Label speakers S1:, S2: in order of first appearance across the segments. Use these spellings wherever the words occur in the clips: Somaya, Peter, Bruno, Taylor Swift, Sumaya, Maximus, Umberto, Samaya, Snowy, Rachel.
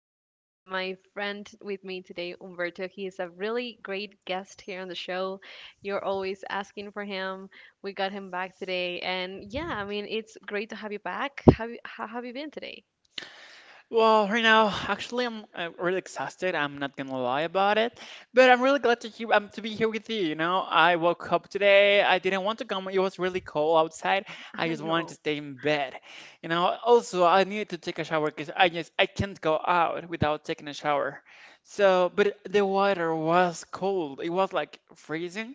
S1: today. I have my friend with me today, Umberto. He is a really great guest here on the show. You're always asking for him. We got him back today, and yeah, I mean, it's great to have you back. How have you been today?
S2: Well, right now, actually, I'm really exhausted. I'm not gonna lie about it, but I'm really glad to hear to be here with you. You know, I woke up today. I didn't want to come. It was really cold outside. I
S1: I
S2: just wanted to
S1: know,
S2: stay in bed. You know, also I needed to take a shower because I just I can't go out without taking a shower. So, but the water was cold. It was like freezing.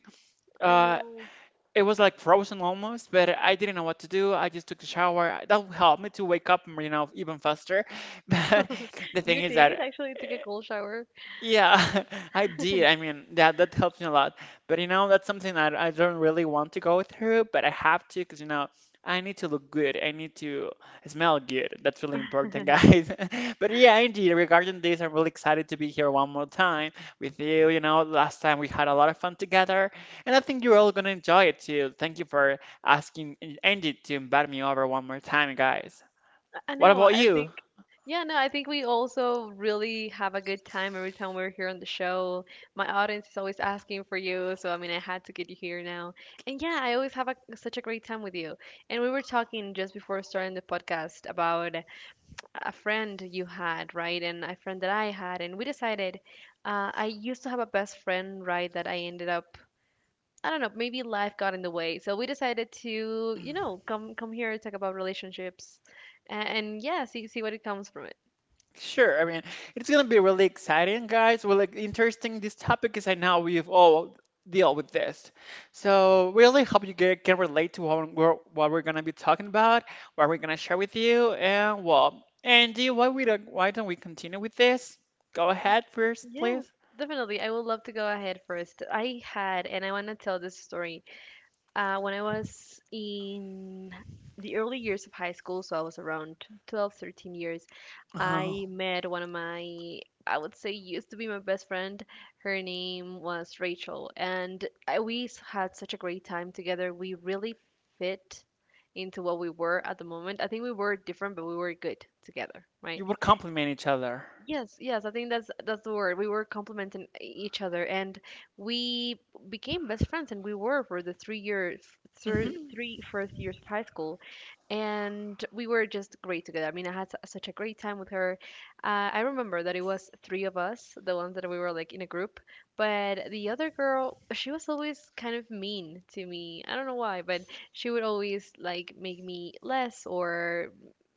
S1: I
S2: Uh,
S1: know.
S2: it was like frozen almost, but I didn't know what to do. I just took a shower. That helped me to wake up, you know, even faster. But the thing
S1: You
S2: is
S1: did
S2: that
S1: actually took a cold shower.
S2: yeah, I did. I mean, that helps me a lot. But you know, that's something that I don't really want to go through, but I have to because you know, I need to look good. I need to smell good. That's really important, guys. But yeah, indeed, regarding this, I'm really excited to be here one more time with you. You know, last time we had a lot of fun together, and I think you're all gonna enjoy it too. Thank you for asking Andy to invite me over one more time, guys.
S1: I
S2: What
S1: know.
S2: about you?
S1: No, I think we also really have a good time every time we're here on the show. My audience is always asking for you, so I mean, I had to get you here now. And yeah, I always have such a great time with you. And we were talking just before starting the podcast about a friend you had, right? And a friend that I had, and we decided I used to have a best friend, right, that I ended up I don't know, maybe life got in the way. So we decided to, come here talk about relationships and yeah, see what it comes from it.
S2: Sure. I mean, it's gonna be really exciting, guys. Well, like interesting this topic is, I know we've all deal with this. So really hope you can relate to what we're gonna be talking about, what we're gonna share with you, and well, Andy, why don't we continue with this? Go ahead first, please.
S1: Yes, definitely. I would love to go ahead first. I had, and I want to tell this story. When I was in the early years of high school, so I was around 12, 13 years,
S2: Oh,
S1: I met one of my, I would say, used to be my best friend. Her name was Rachel, and had such a great time together. We really fit into what we were at the moment. I think we were different, but we were good together,
S2: you
S1: right?
S2: would compliment each other.
S1: Yes, yes, I think that's the word. We were complementing each other, and we became best friends, and we were for the 3 years, thir
S2: Hmm.
S1: three first years of high school, and we were just great together. I mean, I had such a great time with her. I remember that it was three of us, the ones that we were like in a group, but the other girl, she was always kind of mean to me. I don't know why, but she would always like make me less or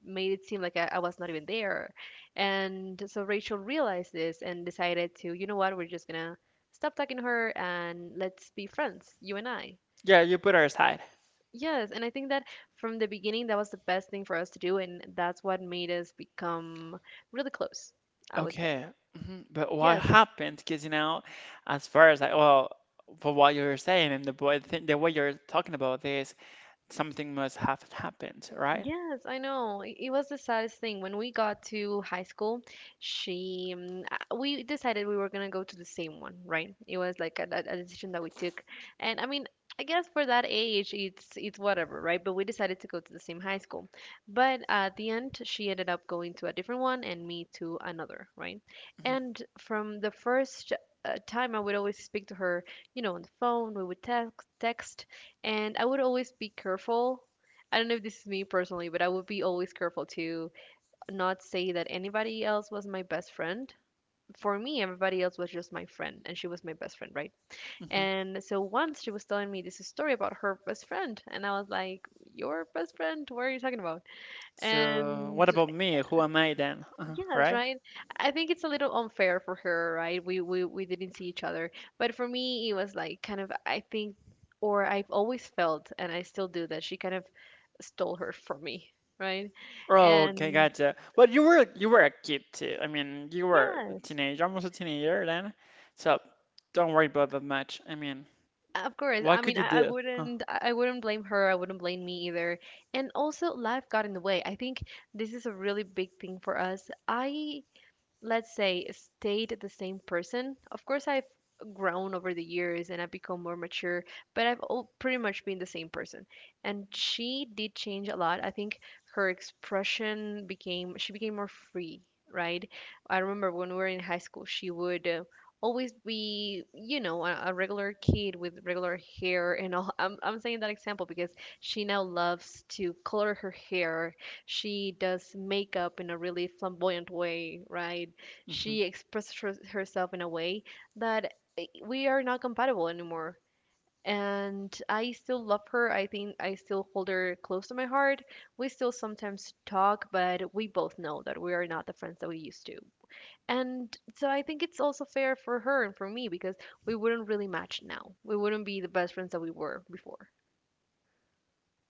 S1: made it seem like I was not even there, and so Rachel realized this and decided to, you know what, we're just gonna stop talking to her and let's be friends, you and I.
S2: Yeah, you put her aside.
S1: Yes, and I think that from the beginning, that was the best thing for us to do, and that's what made us become really close, I would say.
S2: Okay, mhm. But what
S1: Yes.
S2: happened? Because you know, as far as I well, for what you're saying and the boy thing, the way you're talking about this, something must have happened, right?
S1: Yes, I know. It was the saddest thing. When we got to high school, we decided we were gonna go to the same one, right? It was like a decision that we took. And I mean, I guess for that age, it's whatever, right? But we decided to go to the same high school. But at the end, she ended up going to a different one and me to another, right?
S2: Hmm.
S1: And from the first time, I would always speak to her, you know, on the phone, we would text, and I would always be careful I don't know if this is me personally, but I would be always careful to not say that anybody else was my best friend. For me, everybody else was just my friend, and she was my best friend, right?
S2: Hmm.
S1: And so once she was telling me this story about her best friend, and I was like, your best friend? What are you talking about?
S2: So
S1: And
S2: what about me? Who am I then?
S1: Yes,
S2: Right?
S1: right. I think it's a little unfair for her, right? We didn't see each other, but for me, it was like kind of I think, or I've always felt, and I still do that she kind of stole her from me, right?
S2: Oh, okay,
S1: And
S2: gotcha. But you were a kid too. I mean, you were a
S1: yes,
S2: teenager, almost a teenager then. So don't worry about that much. I mean,
S1: of course.
S2: what
S1: I
S2: could
S1: mean,
S2: you
S1: I
S2: do?
S1: wouldn't I wouldn't blame her. I wouldn't blame me either. And also, life got in the way. I think this is a really big thing for us. I, let's say, stayed the same person. Of course, I've grown over the years and I've become more mature, but I've all pretty much been the same person. And she did change a lot. I think she became more free, right? I remember when we were in high school, she would. Always be you know a regular kid with regular hair and all. I'm saying that example because she now loves to color her hair, she does makeup in a really flamboyant way, right?
S2: Mhm.
S1: She expresses herself in a way that we are not compatible anymore. And I still love her. I think I still hold her close to my heart. We still sometimes talk, but we both know that we are not the friends that we used to. And so I think it's also fair for her and for me because we wouldn't really match now. We wouldn't be the best friends that we were before.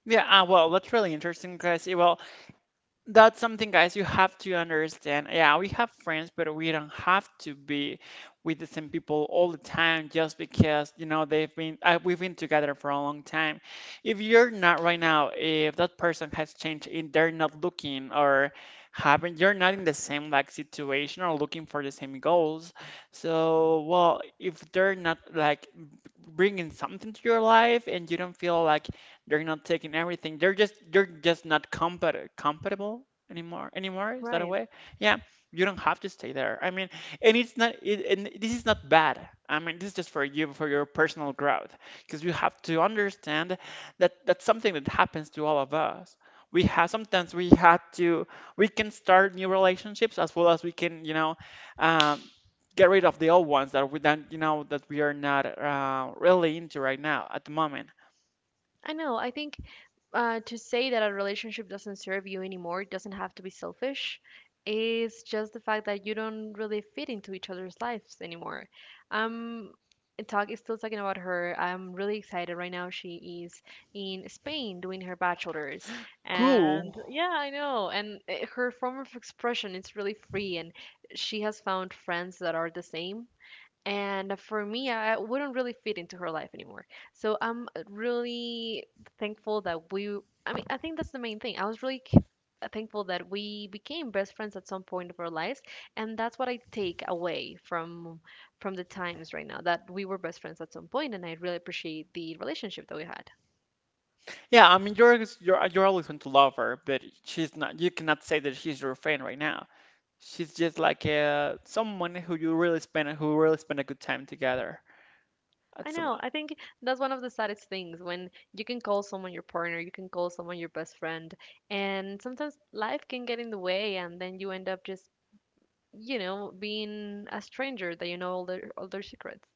S2: Yeah, well, that's really interesting, guys. Well, that's something, guys, you have to understand. Yeah, we have friends, but we don't have to be with the same people all the time just because, you know, we've been together for a long time. If you're not right now, if that person has changed and they're not you're not in the same like situation or looking for the same goals. So, well, if they're not like bringing something to your life and you don't feel like they're not taking everything. They're just not compatible anymore. Is that a
S1: Right.
S2: way? Yeah, you don't have to stay there. I mean, and this is not bad. I mean, this is just for you for your personal growth because you have to understand that that's something that happens to all of us. We have sometimes we had to we can start new relationships as well as we can, you know, um, get rid of the old ones that we don't, you know, that we are not really into right now at the moment.
S1: I know. I think to say that a relationship doesn't serve you anymore, it doesn't have to be selfish. It's just the fact that you don't really fit into each other's lives anymore. um Talk is still talking about her. I'm really excited right now. She is in Spain doing her bachelor's, and
S2: Cool.
S1: yeah, I know. And her form of expression is really free, and she has found friends that are the same, and for me I wouldn't really fit into her life anymore. So I'm really thankful that we, I mean, I think that's the main thing. I was really thankful that we became best friends at some point of our lives, and that's what I take away from the times right now that we were best friends at some point, and I really appreciate the relationship that we had.
S2: Yeah, I mean you're always going to love her, but she's not. You cannot say that she's your friend right now. She's just like someone who you really spend who really spend a good time together at
S1: I
S2: some.
S1: know. I think that's one of the saddest things, when you can call someone your partner, you can call someone your best friend, and sometimes life can get in the way, and then you end up just, you know, being a stranger that you know all their secrets.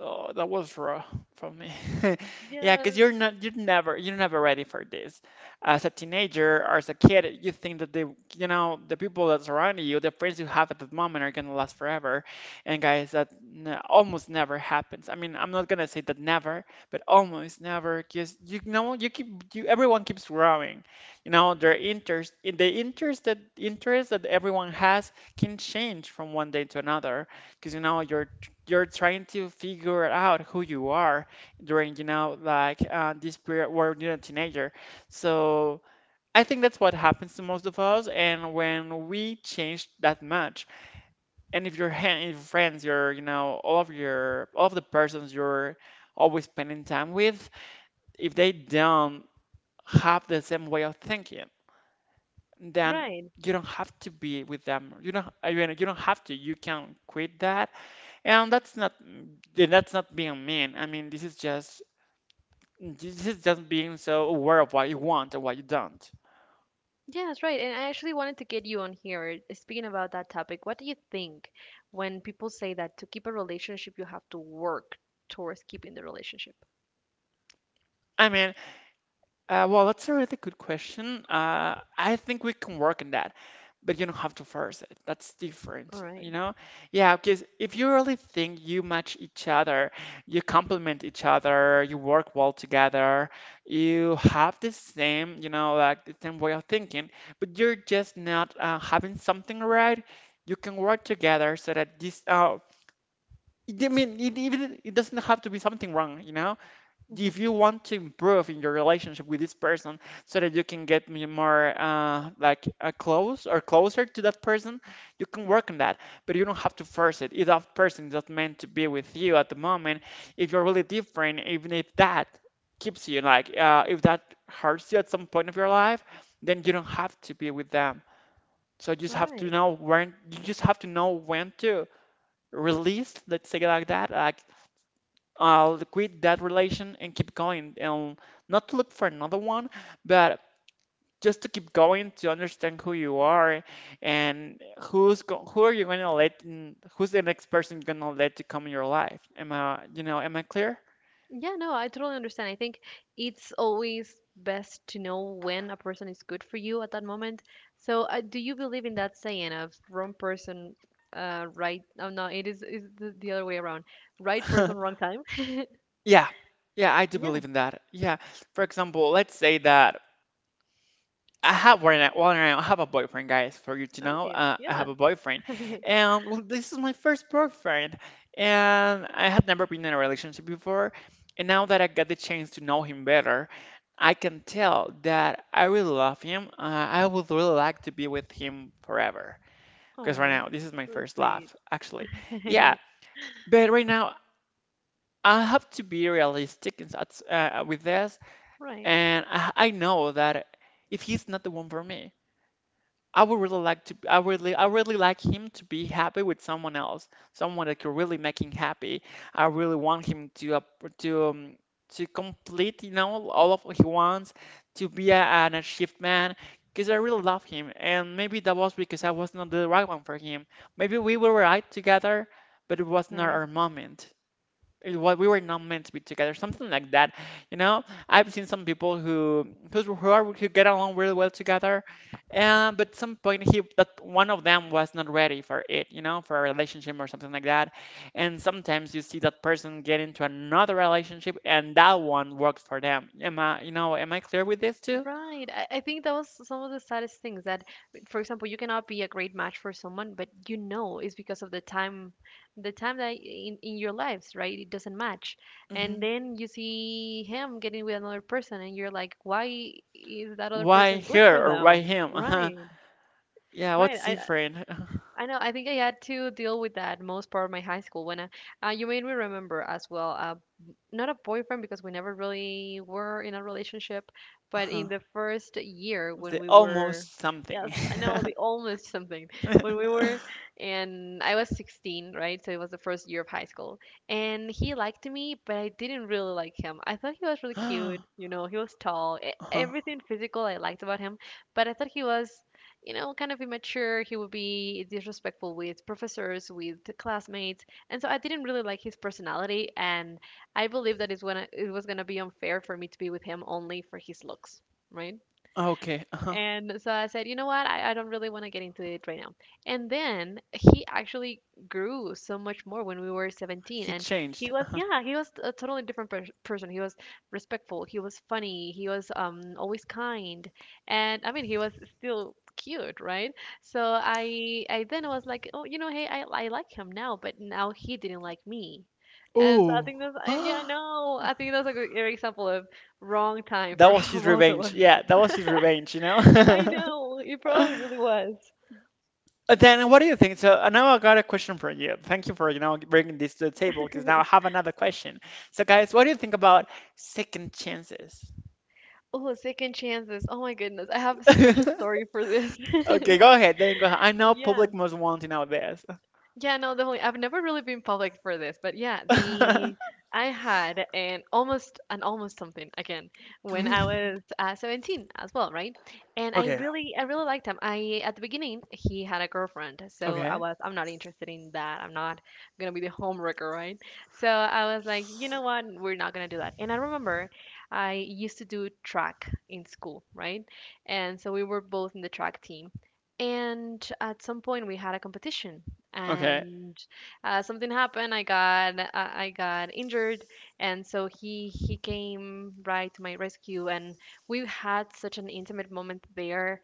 S2: Oh, that was raw from me. Yeah, because
S1: Yeah,
S2: you're never ready for this. As a teenager or as a kid, you think that the people that surround you, the friends you have at that moment are gonna last forever. And guys, that n almost never happens. I mean, I'm not gonna say that never, but almost never, because you know, you keep, you everyone keeps growing. You know, their interest, the interest that everyone has can change from one day to another because you know your you're trying to figure out who you are during, you know, like this period where you're a teenager. So I think that's what happens to most of us. And when we change that much, and if your hand, if your friends, your, you know, all of the persons you're always spending time with, if they don't have the same way of thinking, then
S1: right.
S2: you don't have to be with them. You don't, I mean, you don't have to. You can quit that and that's not being mean. I mean, this is just being so aware of what you want and what you don't.
S1: Yes, right. And I actually wanted to get you on here speaking about that topic. What do you think when people say that to keep a relationship, you have to work towards keeping the relationship?
S2: I mean, well, that's a really good question. I think we can work on that, but you don't have to force it. That's
S1: All
S2: different,
S1: right.
S2: you know? Yeah, because if you really think you match each other, you complement each other, you work well together, you have the same, you know, like the same way of thinking, but you're just not having something right, you can work together so that this, I mean, it doesn't have to be something wrong, you know? If
S1: Mhm.
S2: you want to improve in your relationship with this person so that you can get more close or closer to that person, you can work on that, but you don't have to force it. If that person is not meant to be with you at the moment, if you're really different, even if that keeps you like if that hurts you at some point of your life, then you don't have to be with them. So
S1: All right.
S2: you just have to know when to release, let's say it like that. Like I'll quit that relation and keep going and not to look for another one, but just to keep going to understand who you are and who are you going to let in, who's the next person you're going to let to come in your life. Am I, you know, am I clear?
S1: Yeah, no, I totally understand. I think it's always best to know when a person is good for you at that moment. So, do you believe in that saying of wrong person, uh, right? Oh no, it is the other way around. Right person, wrong time.
S2: Yeah. Yeah, I do
S1: Yeah.
S2: believe in that. Yeah. For example, let's say that I have right now, well, I don't have a boyfriend, guys, for you to
S1: All
S2: know.
S1: right.
S2: I
S1: Yeah.
S2: have a boyfriend. And well, this is my first boyfriend. And I had never been in a relationship before. And now that I got the chance to know him better, I can tell that I really love him. I would really like to be with him forever. Because right
S1: Oh,
S2: now, this is my
S1: it's really
S2: first love, actually.
S1: sweet.
S2: Yeah, but right now, I have to be realistic in, with this.
S1: Right.
S2: And I know that if he's not the one for me, I would really like to I really like him to be happy with someone else, someone that could really make him happy. I really want him to to um, to complete, you know, all of what he wants, to be a, an achieved man, because I really love him. And maybe that was because I was not the right one for him. Maybe we were right together, but it was not
S1: Right.
S2: our moment. It what we were not meant to be together, something like that. You know, I've seen some people who are, who get along really well together. And but some point, he that one of them was not ready for it, you know, for a relationship or something like that. And sometimes you see that person get into another relationship and that one works for them. Am I, you know, am I clear with this too?
S1: Right. I think that was some of the saddest things that, for example, you cannot be a great match for someone, but you know it's because of the time that in your lives, right? It doesn't match.
S2: Hmm.
S1: And then you see him getting with another person and you're like, why is that other
S2: Why
S1: person good
S2: her
S1: for
S2: or why
S1: them?
S2: him? Uh-huh.
S1: Right.
S2: Yeah,
S1: Right.
S2: what's different?
S1: I know. I think I had to deal with that most part of my high school when you made me remember as well. Not a boyfriend because we never really were in a relationship, but in
S2: Uh-huh.
S1: the first year when
S2: The
S1: we
S2: almost
S1: were, yes,
S2: something.
S1: I know the almost something, when we were, and I was 16, right? So it was the first year of high school. And he liked me, but I didn't really like him. I thought he was really cute, you know, he was tall,
S2: Uh-huh.
S1: everything physical I liked about him, but I thought he was. You know, kind of immature. He would be disrespectful with professors, with classmates, and so I didn't really like his personality, and I believe that it was gonna be unfair for me to be with him only for his looks, right?
S2: Oh, okay. Uh-huh.
S1: And so I said, you know what? I don't really want to get into it right now. And then he actually grew so much more when we were 17.
S2: He
S1: And he
S2: changed.
S1: was,
S2: Uh-huh.
S1: yeah, he was a totally different person. He was respectful. He was funny. He was always kind. And I mean, he was still cute, right? So I then was like, oh, you know, hey, I like him now, but now he didn't like me. And so I
S2: Oh.
S1: think that's, yeah, no, I think that's a great example of wrong time
S2: That
S1: for
S2: was his
S1: both of
S2: revenge.
S1: us.
S2: Yeah, that was his revenge, you know?
S1: I know. It probably
S2: Uh,
S1: really was.
S2: then what do you think? So now I got a question for you. Thank you for, you know, bringing this to the table because now I have another question. So guys, what do you think about second chances?
S1: Oh, second chances. Oh my goodness. I have such a story for this.
S2: Okay, go ahead. Then go ahead. I know
S1: Yeah.
S2: public must want to know this.
S1: Yeah, no, definitely. I've never really been public for this, but yeah, the I had an almost something again when I was 17 as well, right? And I
S2: Okay.
S1: really I really liked him. I At the beginning he had a girlfriend, so
S2: Okay.
S1: I'm not interested in that. I'm not gonna be the homewrecker, right? So I was like, you know what? We're not gonna do that. And I remember I used to do track in school, right? And so we were both in the track team. And at some point, we had a competition
S2: Okay.
S1: and something happened. I got injured, and so he came right to my rescue, and we had such an intimate moment there.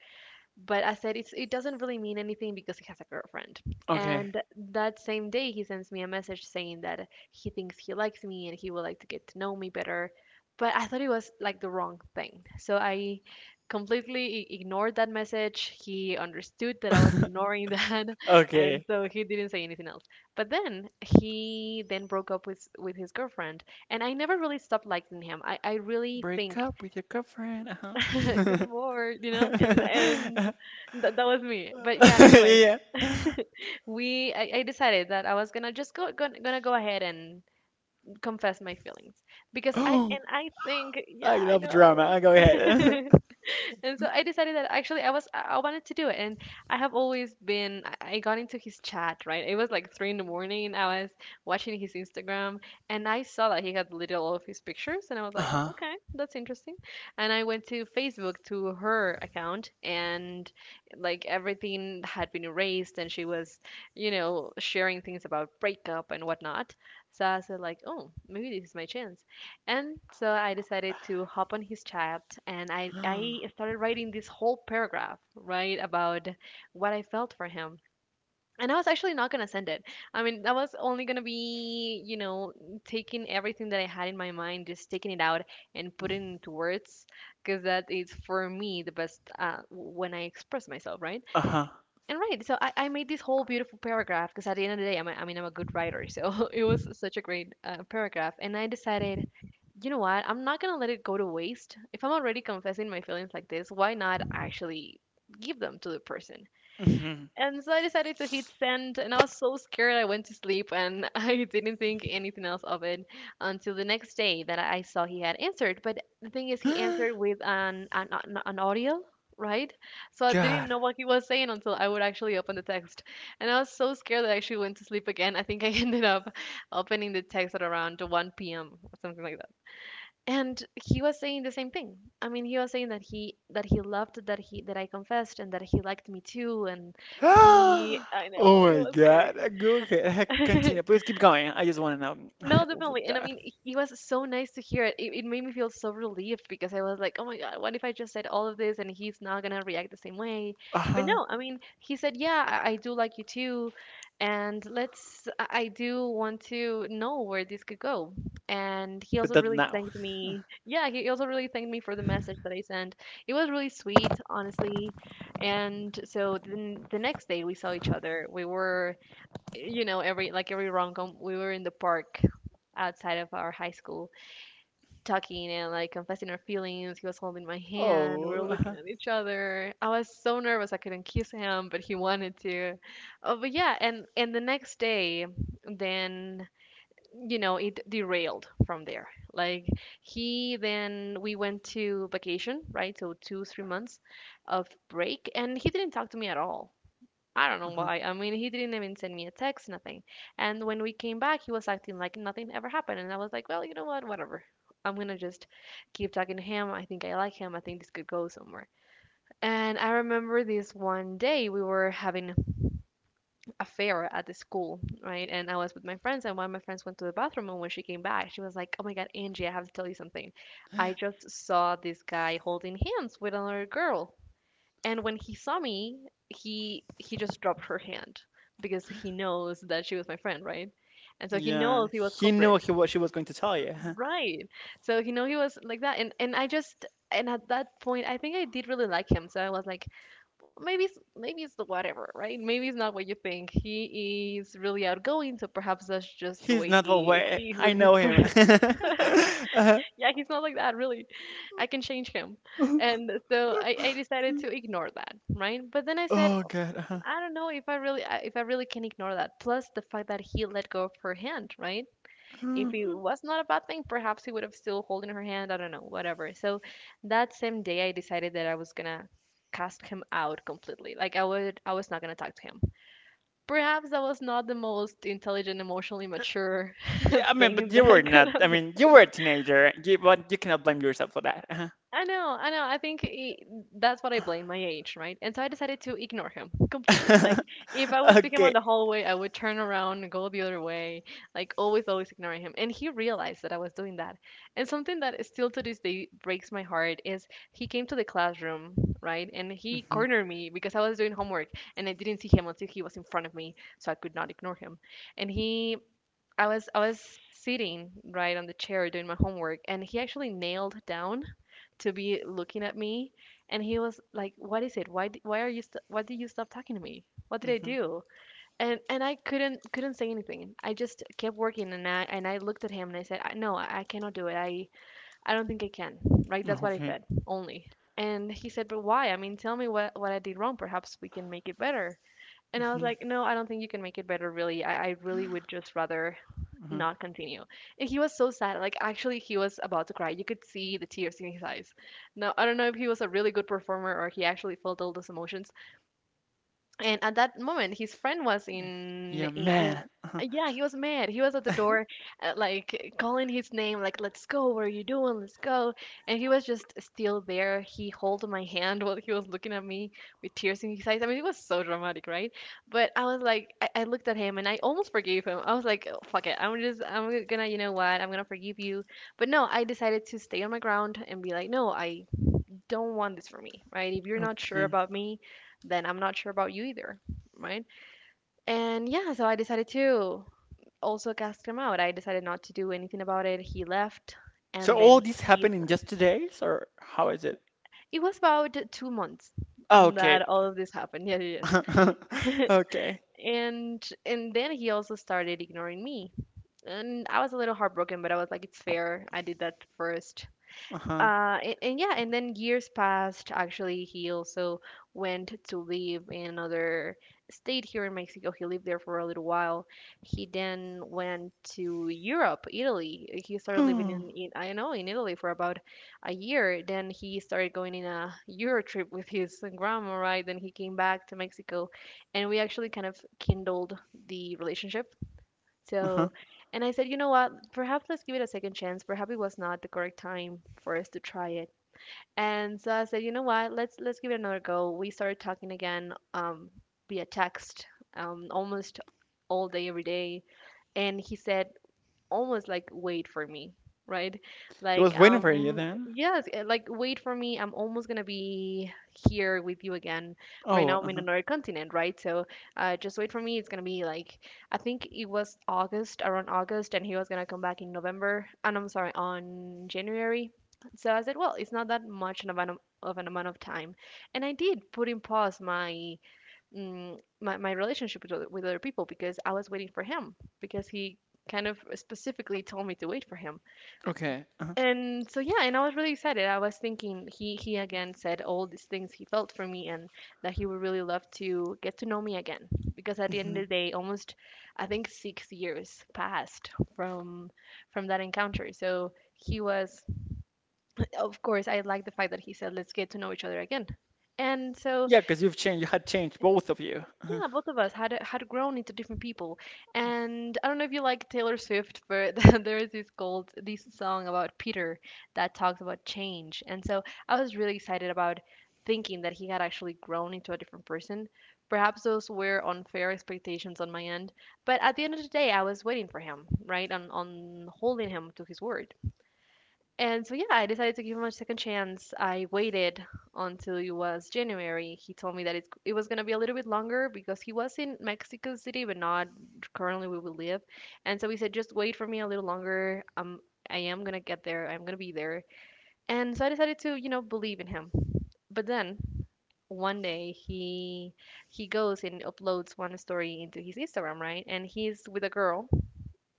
S1: But I said it doesn't really mean anything because he has a girlfriend.
S2: Okay.
S1: And that same day he sends me a message saying that he thinks he likes me and he would like to get to know me better. But I thought it was like the wrong thing. So I completely ignored that message. He understood that I was ignoring that and
S2: Okay.
S1: so he didn't say anything else. But then he then broke up with his girlfriend, and I never really stopped liking him. I really
S2: Break
S1: think
S2: up with your girlfriend.
S1: because
S2: Uh-huh.
S1: I'm bored, and and that that was me. But yeah, anyway,
S2: Yeah.
S1: I decided that I was gonna just go ahead and confess my feelings because I
S2: Oh,
S1: and I think yeah
S2: I
S1: I
S2: love drama.
S1: know
S2: I go ahead.
S1: and so I decided that actually I was I wanted to do it. And I have always been I got into his chat, right? It was like three in the morning. I was watching his Instagram, and I saw that he had deleted all of his pictures, and I was like,
S2: Uh-huh.
S1: okay, that's interesting. And I went to Facebook to her account, and like everything had been erased, and she was, you know, sharing things about breakup and whatnot. So I said like, oh, maybe this is my chance. And so I decided to hop on his chat, and I started writing this whole paragraph, right, about what I felt for him. And I was actually not gonna send it. I mean, I was only gonna be, you know, taking everything that I had in my mind, just taking it out and putting it into words, because that is for me the best when I express myself, right?
S2: Uh-huh.
S1: And right, so I made this whole beautiful paragraph because at the end of the day I mean, I'm a good writer, so it was such a great paragraph. And I decided, you know what, I'm not gonna let it go to waste. If I'm already confessing my feelings like this, why not actually give them to the person?
S2: Mhm.
S1: And so I decided to hit send, and I was so scared I went to sleep and I didn't think anything else of it until the next day that I saw he had answered. But the thing is, he answered with an audio, right? So I didn't
S2: God.
S1: know what he was saying until I would actually open the text. And I was so scared that I actually went to sleep again. I think I ended up opening the text at around 1 p.m. or something like, and he was saying the same thing. I mean, he was saying that he loved that he that I confessed and that he liked me too. And he I know
S2: Oh
S1: it
S2: my
S1: was great.
S2: God. Go ahead. Continue. Please keep going. I just want to know.
S1: No,
S2: Oh
S1: definitely. And I
S2: God.
S1: mean, it was so nice to hear it. It made me feel so relieved, because I was like, oh my God, what if I just said all of this and he's not going to react the same way? But
S2: Uh-huh.
S1: no, I mean, he said, yeah, I do like you too. And let's, I do want to know where this could go. And he
S2: But
S1: also
S2: not
S1: really
S2: now.
S1: thanked me. Yeah, he also really thanked me for the message that I sent. It was really sweet, honestly. And so then the next day we saw each other. We were, you know, every like every rom-com, we were in the park outside of our high school talking and like confessing our feelings. He was holding my hand. We were
S2: Oh.
S1: looking
S2: Uh-huh.
S1: at each other. I was so nervous I couldn't kiss him, but he wanted to. Oh, but yeah, and the next day, then, you know, it derailed from there. Like, he then we went to vacation, right? So 2 3 months of break, and he didn't talk to me at all. I don't know
S2: Uh-huh.
S1: why. I mean, he didn't even send me a text, nothing. And when we came back, he was acting like nothing ever happened. And I was like, well, you know what? Whatever. I'm gonna just keep talking to him. I think I like him. I think this could go somewhere. And I remember this one day we were having a fair at the school, right? And I was with my friends, and one of my friends went to the bathroom. And when she came back, she was like, oh my God, Angie, I have to tell you something. I just saw this guy holding hands with another girl. And when he saw me, he just dropped her hand because he knows that she was my friend, right? And so he
S2: Yeah.
S1: knows he was
S2: He knew
S1: culprit.
S2: he what she was going to tell you. Huh?
S1: Right. So he know he was like that, and I just, and at that point I think I did really like him. So I was like, maybe it's the whatever, right? Maybe it's not what you think. He is really outgoing, so perhaps that's just the
S2: He's
S1: way
S2: not the
S1: he
S2: way.
S1: he is
S2: I
S1: with his
S2: know him.
S1: friends.
S2: Uh-huh.
S1: Yeah, he's not like that really. I can change him. And so I decided to ignore that, right? But then I said,
S2: Oh God. Uh-huh.
S1: I don't know if I really I- if I really can ignore that. Plus the fact that he let go of her hand, right? If it was not a bad thing, perhaps he would have still holding her hand. I don't know, whatever. So that same day, I decided that I was gonna cast him out completely. I was not gonna talk to him. Perhaps that was not the most intelligent, emotionally mature
S2: Yeah, I mean, but
S1: thing
S2: you
S1: that I
S2: were
S1: could
S2: not. I
S1: have.
S2: mean, you were a teenager, but you cannot blame yourself for that. Uh-huh.
S1: I know, I know. I think I That's what I blame, my age, right? And so I decided to ignore him completely. Like, if I would see him on
S2: Okay.
S1: the hallway, I would turn around and go the other way. Like, always ignoring him. And he realized that I was doing that. And something that is still to this day breaks my heart is he came to the classroom, right? And he
S2: Mm-hmm.
S1: cornered me because I was doing homework, and I didn't see him until he was in front of me, so I could not ignore him. And he. I was sitting right on the chair doing my homework, and he actually nailed down to be looking at me. And he was like, what is it, why are you why did you stop talking to me, what did I
S2: Mm-hmm.
S1: do? And I couldn't couldn't say anything. I just kept working, and I looked at him and I said, No, I cannot do it. I don't think I can." Right, that's what I
S2: Okay.
S1: said only. And he said, but why, I mean tell me what I did wrong, perhaps we can make it better. And I was
S2: Mm-hmm.
S1: like, no, I don't think you can make it better, really. I really would just rather
S2: Uh-huh.
S1: not continue. And he was so sad. Like, actually, he was about to cry. You could see the tears in his eyes. Now, I don't know if he was a really good performer or he actually felt all those emotions, and at that moment his friend was
S2: Yeah, Yeah,
S1: in
S2: man. Uh-huh.
S1: yeah, he was mad, he was at the door, like calling his name like, let's go, what are you doing, let's go. And he was just still there. He held my hand while he was looking at me with tears in his eyes. I mean, it was so dramatic, right? But I was like, I looked at him and I almost forgave him. I was like, "Oh, fuck it, I'm gonna, you know what, I'm gonna forgive you." But no, I decided to stay on my ground and be like, no, I don't want this for me, right? If you're not sure
S2: Okay.
S1: about me, then I'm not sure about you either, right? And yeah, so I decided to also cast him out. I decided not to do anything about it. He left,
S2: So
S1: and
S2: all
S1: then
S2: this
S1: he.
S2: happened in
S1: started.
S2: just 2 days, or how is it?
S1: It was about 2 months
S2: Oh, okay.
S1: that all of this happened. Yeah, yes.
S2: Okay.
S1: And then he also started ignoring me, and I was a little heartbroken, but I was like, it's fair. I did that first.
S2: Uh-huh.
S1: And yeah, and then years passed. Actually, he also went to live in another state here in Mexico. He lived there for a little while. He then went to Europe, Italy. He started living
S2: Uh-huh.
S1: in, I don't know, in Italy for about a year. Then he started going in a euro trip with his grandma, right? Then he came back to Mexico, and we actually kind of kindled the relationship. So, and I said, you know what? Perhaps let's give it a second chance. Perhaps it was not the correct time for us to try it. And so I said, you know what? Let's give it another go. We started talking again, via text, almost all day every day. And he said, almost like, wait for me, right?
S2: He was
S1: Like,
S2: waiting for you then.
S1: yes, like, wait for me. I'm almost gonna be here with you again. Right
S2: Oh,
S1: now I'm in
S2: uh-huh.
S1: another continent, right? So just wait for me. It's gonna be like, I think it was August, around August, and he was gonna come back in November. And I'm sorry, on January. So I said, well, it's not that much of an amount of time, and I did put in pause my my relationship with other people, because I was waiting for him, because he kind of specifically told me to wait for him.
S2: Okay. Uh-huh.
S1: And so, yeah, and I was really excited. I was thinking, he again said all these things he felt for me, and that he would really love to get to know me again, because at the end
S2: Hmm.
S1: of the day, almost, I think 6 years passed from from that encounter. So he was, of course, I like the fact that he said let's get to know each other again. And so,
S2: Yeah, because you've changed. You had changed, both of you. Uh-huh.
S1: yeah, both of us had had grown into different people, and I don't know if you like Taylor Swift, but there is this song about Peter that talks about change, and so I was really excited about thinking that he had actually grown into a different person. Perhaps those were unfair expectations on my end, but at the end of the day, I was waiting for him, right, on holding him to his word. And so, yeah, I decided to give him a second chance. I waited until it was January. He told me that it was going to be a little bit longer because he was in Mexico City, but not currently where we live. And so he said, just wait for me a little longer. I am going to get there. I'm going to be there. And so I decided to, you know, believe in him. But then one day he goes and uploads one story into his Instagram, right? And he's with a girl,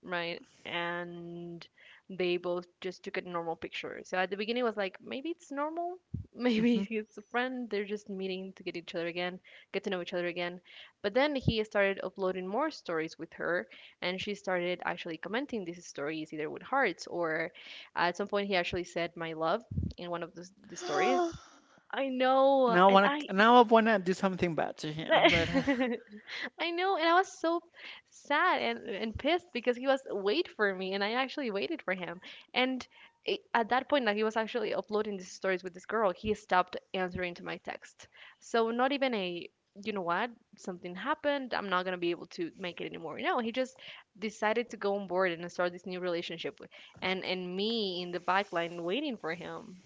S1: right? And they both just took a normal picture. So at the beginning, it was like, maybe it's normal,
S2: Mm-hmm.
S1: maybe it's a friend. They're just meeting to get each other again, get to know each other again. But then he started uploading more stories with her, and she started actually commenting these stories either with hearts, or at some point he actually said "my love" in one of the stories. I know. And
S2: Now I want to do something bad to him,
S1: I
S2: but
S1: I know, and I was so sad and pissed because he was, wait for me, and I actually waited for him. And at that point, that he was actually uploading these stories with this girl, he stopped answering to my text. So not even a, you know what, something happened, I'm not gonna be able to make it anymore. No, he just decided to go on board and start this new relationship, with, and me in the back line waiting for him.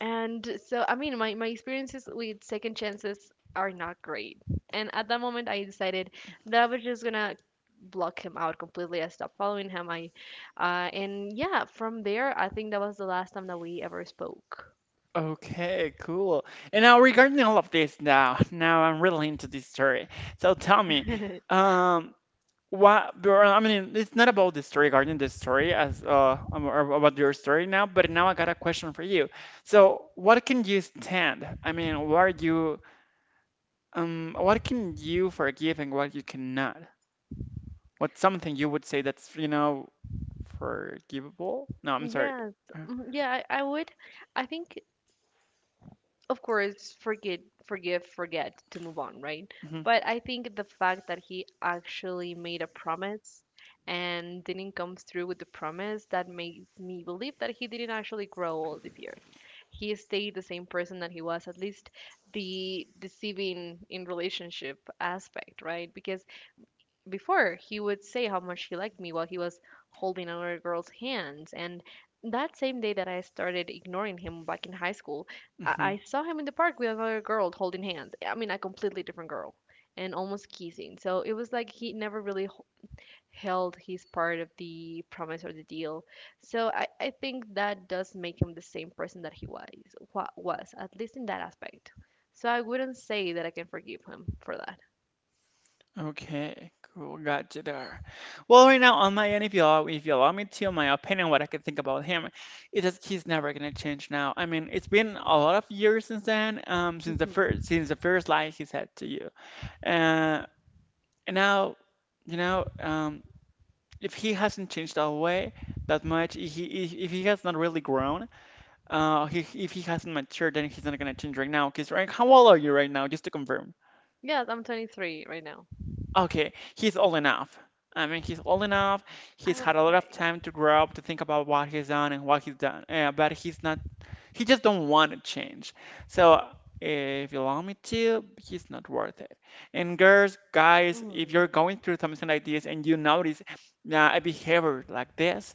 S1: And so, I mean, my experiences with second chances are not great. And at that moment, I decided that I was just gonna block him out completely. I stopped following him. And yeah, from there, I think that was the last time that we ever spoke.
S2: okay, cool. And now regarding all of this now I'm really into this story. So tell me, um, what? Bro, I mean, it's not about the story, regarding the story as or about your story now, but now I got a question for you. So what can you stand? I mean, what can you forgive and what you cannot? What's something you would say that's, you know, forgivable? No, I'm sorry.
S1: Yes,
S2: Uh,
S1: mhm, yeah, I would. I think, of course, forget forgive, forget, to move on, right?
S2: Mm-hmm,
S1: But I think the fact that he actually made a promise and didn't come through with the promise, that makes me believe that he didn't actually grow all the years. He stayed the same person that he was, at least the deceiving in relationship aspect, right? Because before he would say how much he liked me while he was holding another girl's hands, and that same day that I started ignoring him back in high school, i,
S2: mm-hmm.
S1: I saw him in the park with another girl holding hands. I mean, a completely different girl, and almost kissing. So it was like he never really held his part of the promise or the deal. So I think that does make him the same person that he was was, at least in that aspect. So I wouldn't say that I can forgive him for that.
S2: Okay, cool. Got you there. Well, right now on my end, if you allow me to, my opinion, what I can think about him is that he's never gonna change now. I mean, it's been a lot of years since then,
S1: hmm
S2: since the first lie he said to you, uh, and now, you know, if he hasn't changed that way that much, if he has not really grown, if he hasn't matured, then he's not gonna change right now. Cause right, how old are you right now? Just to confirm.
S1: yes, I'm 23 right now.
S2: Okay, he's old enough. I mean, he's old enough.
S1: I
S2: He's
S1: would
S2: had a lot of
S1: say.
S2: time to grow up, to think about what he's done and what he's done. But he's not. He just don't want to change. So if you allow me to, he's not worth it. And girls, guys, if
S1: Mm,
S2: you're going through something like this and you notice a behavior like this,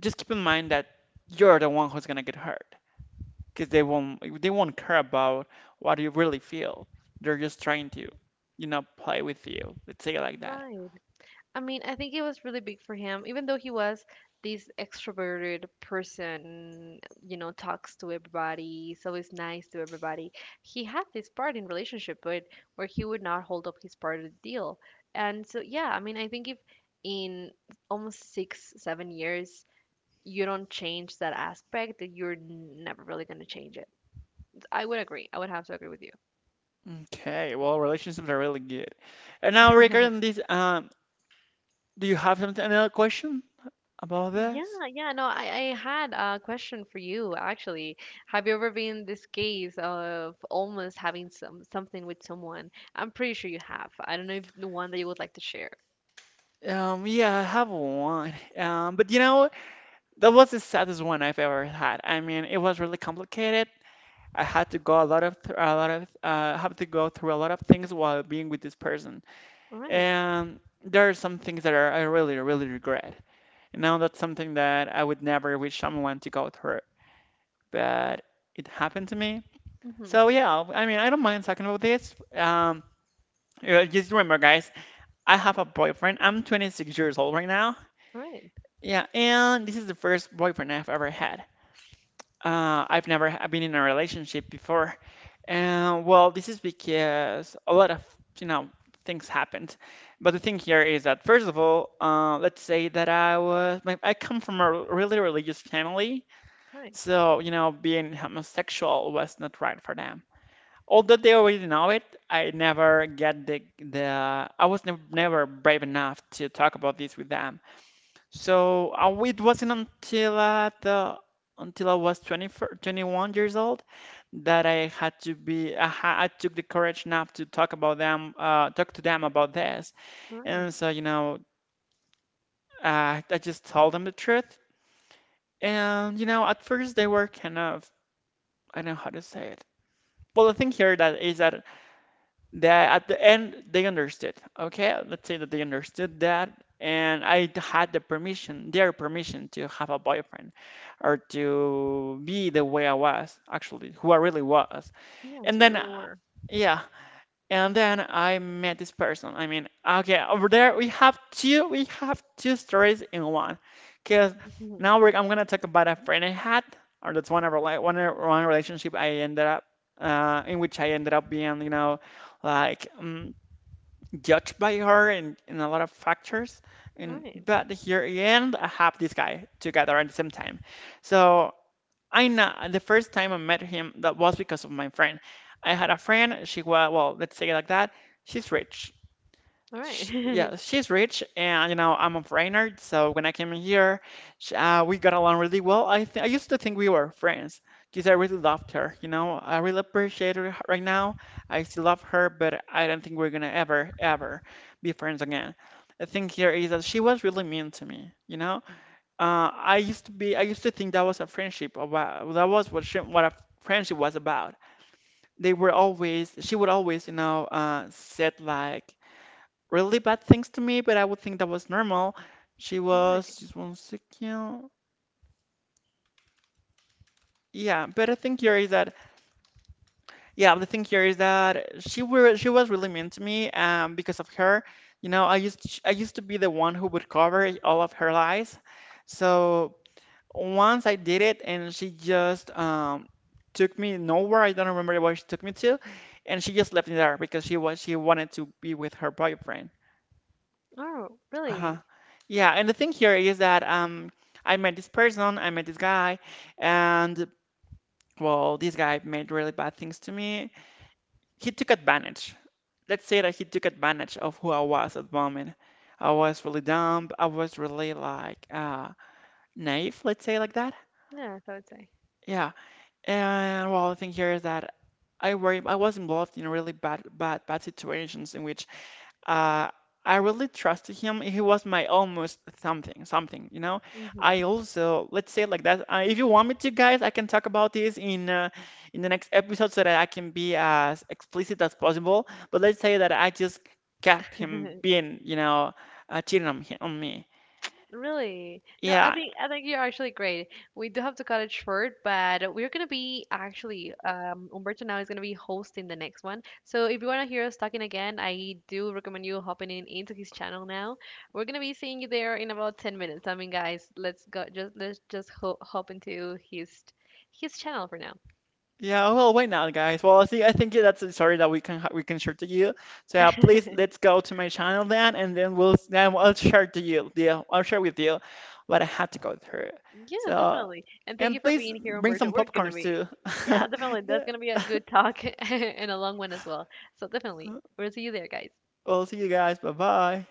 S2: just keep in mind that you're the one who's gonna get hurt, because they won't care about what you really feel. They're just trying to, you know, play with you. Let's say it like that.
S1: right. I mean, I think it was really big for him, even though he was this extroverted person, you know, talks to everybody, so is nice to everybody. He had this part in relationship, but where he would not hold up his part of the deal. And so, yeah, I mean, I think if in almost 6, 7 years, you don't change that aspect, that you're never really going to change it. I would agree. I would have to agree with you.
S2: Okay, well, relationships are really good. And now regarding this, do you have something another question about
S1: Yeah,
S2: this?
S1: yeah, no, I had a question for you actually. Have you ever been in this case of almost having something with someone? I'm pretty sure you have. I don't know if the one that you would like to share.
S2: Yeah, I have one. But you know, that was the saddest one I've ever had. I mean, it was really complicated. I had to go a lot of have to go through a lot of things while being with this person.
S1: All right.
S2: And there are some things that are, I really, really regret. You know, that's something that I would never wish someone to go through, but it happened to me.
S1: Mm-hmm.
S2: So yeah, I mean, I don't mind talking about this. Yeah, just remember, guys, I have a boyfriend. I'm 26 years old right now.
S1: All right.
S2: Yeah, and this is the first boyfriend I've ever had. I've never been in a relationship before. And well, this is because a lot of, you know, things happened. But the thing here is that first of all, let's say that I come from a really religious family,
S1: All right.
S2: so you know, being homosexual was not right for them. Although they already know it, I never get the I was never never brave enough to talk about this with them. So it wasn't until at the until I was 20, 21 years old, that I had to be I, ha- I took the courage enough to talk to them about this.
S1: All right.
S2: And so you know I just told them the truth. And you know at first they were kind of, I don't know how to say it. Well, the thing here that is that that at the end they understood. Okay, let's say that they understood that, and I had their permission to have a boyfriend or to be the way I was, actually, who I really was.
S1: Yeah,
S2: And
S1: so you
S2: then,
S1: really were.
S2: yeah, and then I met this person. I mean, okay, over there we have two stories in one. Because
S1: Mhm.
S2: now I'm gonna talk about a friend I had, or that's one of one relationship I ended up in which I ended up being, you know, like judged by her in a lot of factors.
S1: All
S2: And
S1: right.
S2: but here again, I have this guy together at the same time. So I know the first time I met him, that was because of my friend. I had a friend, she was, well, let's say it like that, she's rich.
S1: All right.
S2: Sh Yeah, she's rich, and you know, I'm a foreigner, so when I came here, sh we got along really well. I used to think we were friends because I really loved her, you know, I really appreciate right now. I still love her, but I don't think we're gonna ever, ever be friends again. The thing here is that she was really mean to me, you know. I used to think that was a friendship about, that was what a friendship was about. She would always, you know, said like really bad things to me, but I would think that was normal. She
S1: All right.
S2: was just one second. Yeah, but I think here is that, yeah, the thing here is that she was really mean to me, because of her. You know, I used to be the one who would cover all of her lies. So once I did it, and she just took me nowhere. I don't remember where she took me to, and she just left me there because she wanted to be with her boyfriend.
S1: Oh,
S2: Uh-huh.
S1: really?
S2: Yeah, and the thing here is that I met this guy, and well, this guy made really bad things to me. He took advantage. Let's say that he took advantage of who I was at the moment. I was really dumb. I was really like naive, let's say like that.
S1: Yeah, I would say.
S2: Yeah. And well, the thing here is that I was involved in really bad situations in which uh I really trusted him. He was my almost something, you know.
S1: Mm-hmm.
S2: I also let's say it like that. If you want me to, guys, I can talk about this in the next episode so that I can be as explicit as possible. But let's say that I just kept him being, you know, cheating on me.
S1: Really? No, I
S2: Yeah,
S1: think I think you're actually great. We do have to cut it short, but we're gonna be actually, Umberto now is gonna be hosting the next one. So if you wanna hear us talking again, I do recommend you hopping in into his channel now. We're gonna be seeing you there in about 10 minutes. I mean, guys, let's just ho hop into his channel for now.
S2: Yeah, well, why not, guys? Well, I think that's a story that we can we can share to you. So yeah, please let's go to my channel then, and then we'll then I'll share to you. Yeah, I'll share with you what I had to go through.
S1: Yeah,
S2: So
S1: definitely. And thank
S2: and
S1: you for
S2: please
S1: being here,
S2: bring
S1: Umberto.
S2: some
S1: We're gonna
S2: popcorns
S1: be,
S2: too.
S1: yeah, definitely. That's
S2: Yeah.
S1: gonna be a good talk and a long one as well. So definitely, we'll see you there, guys.
S2: Well, see you guys. Bye bye.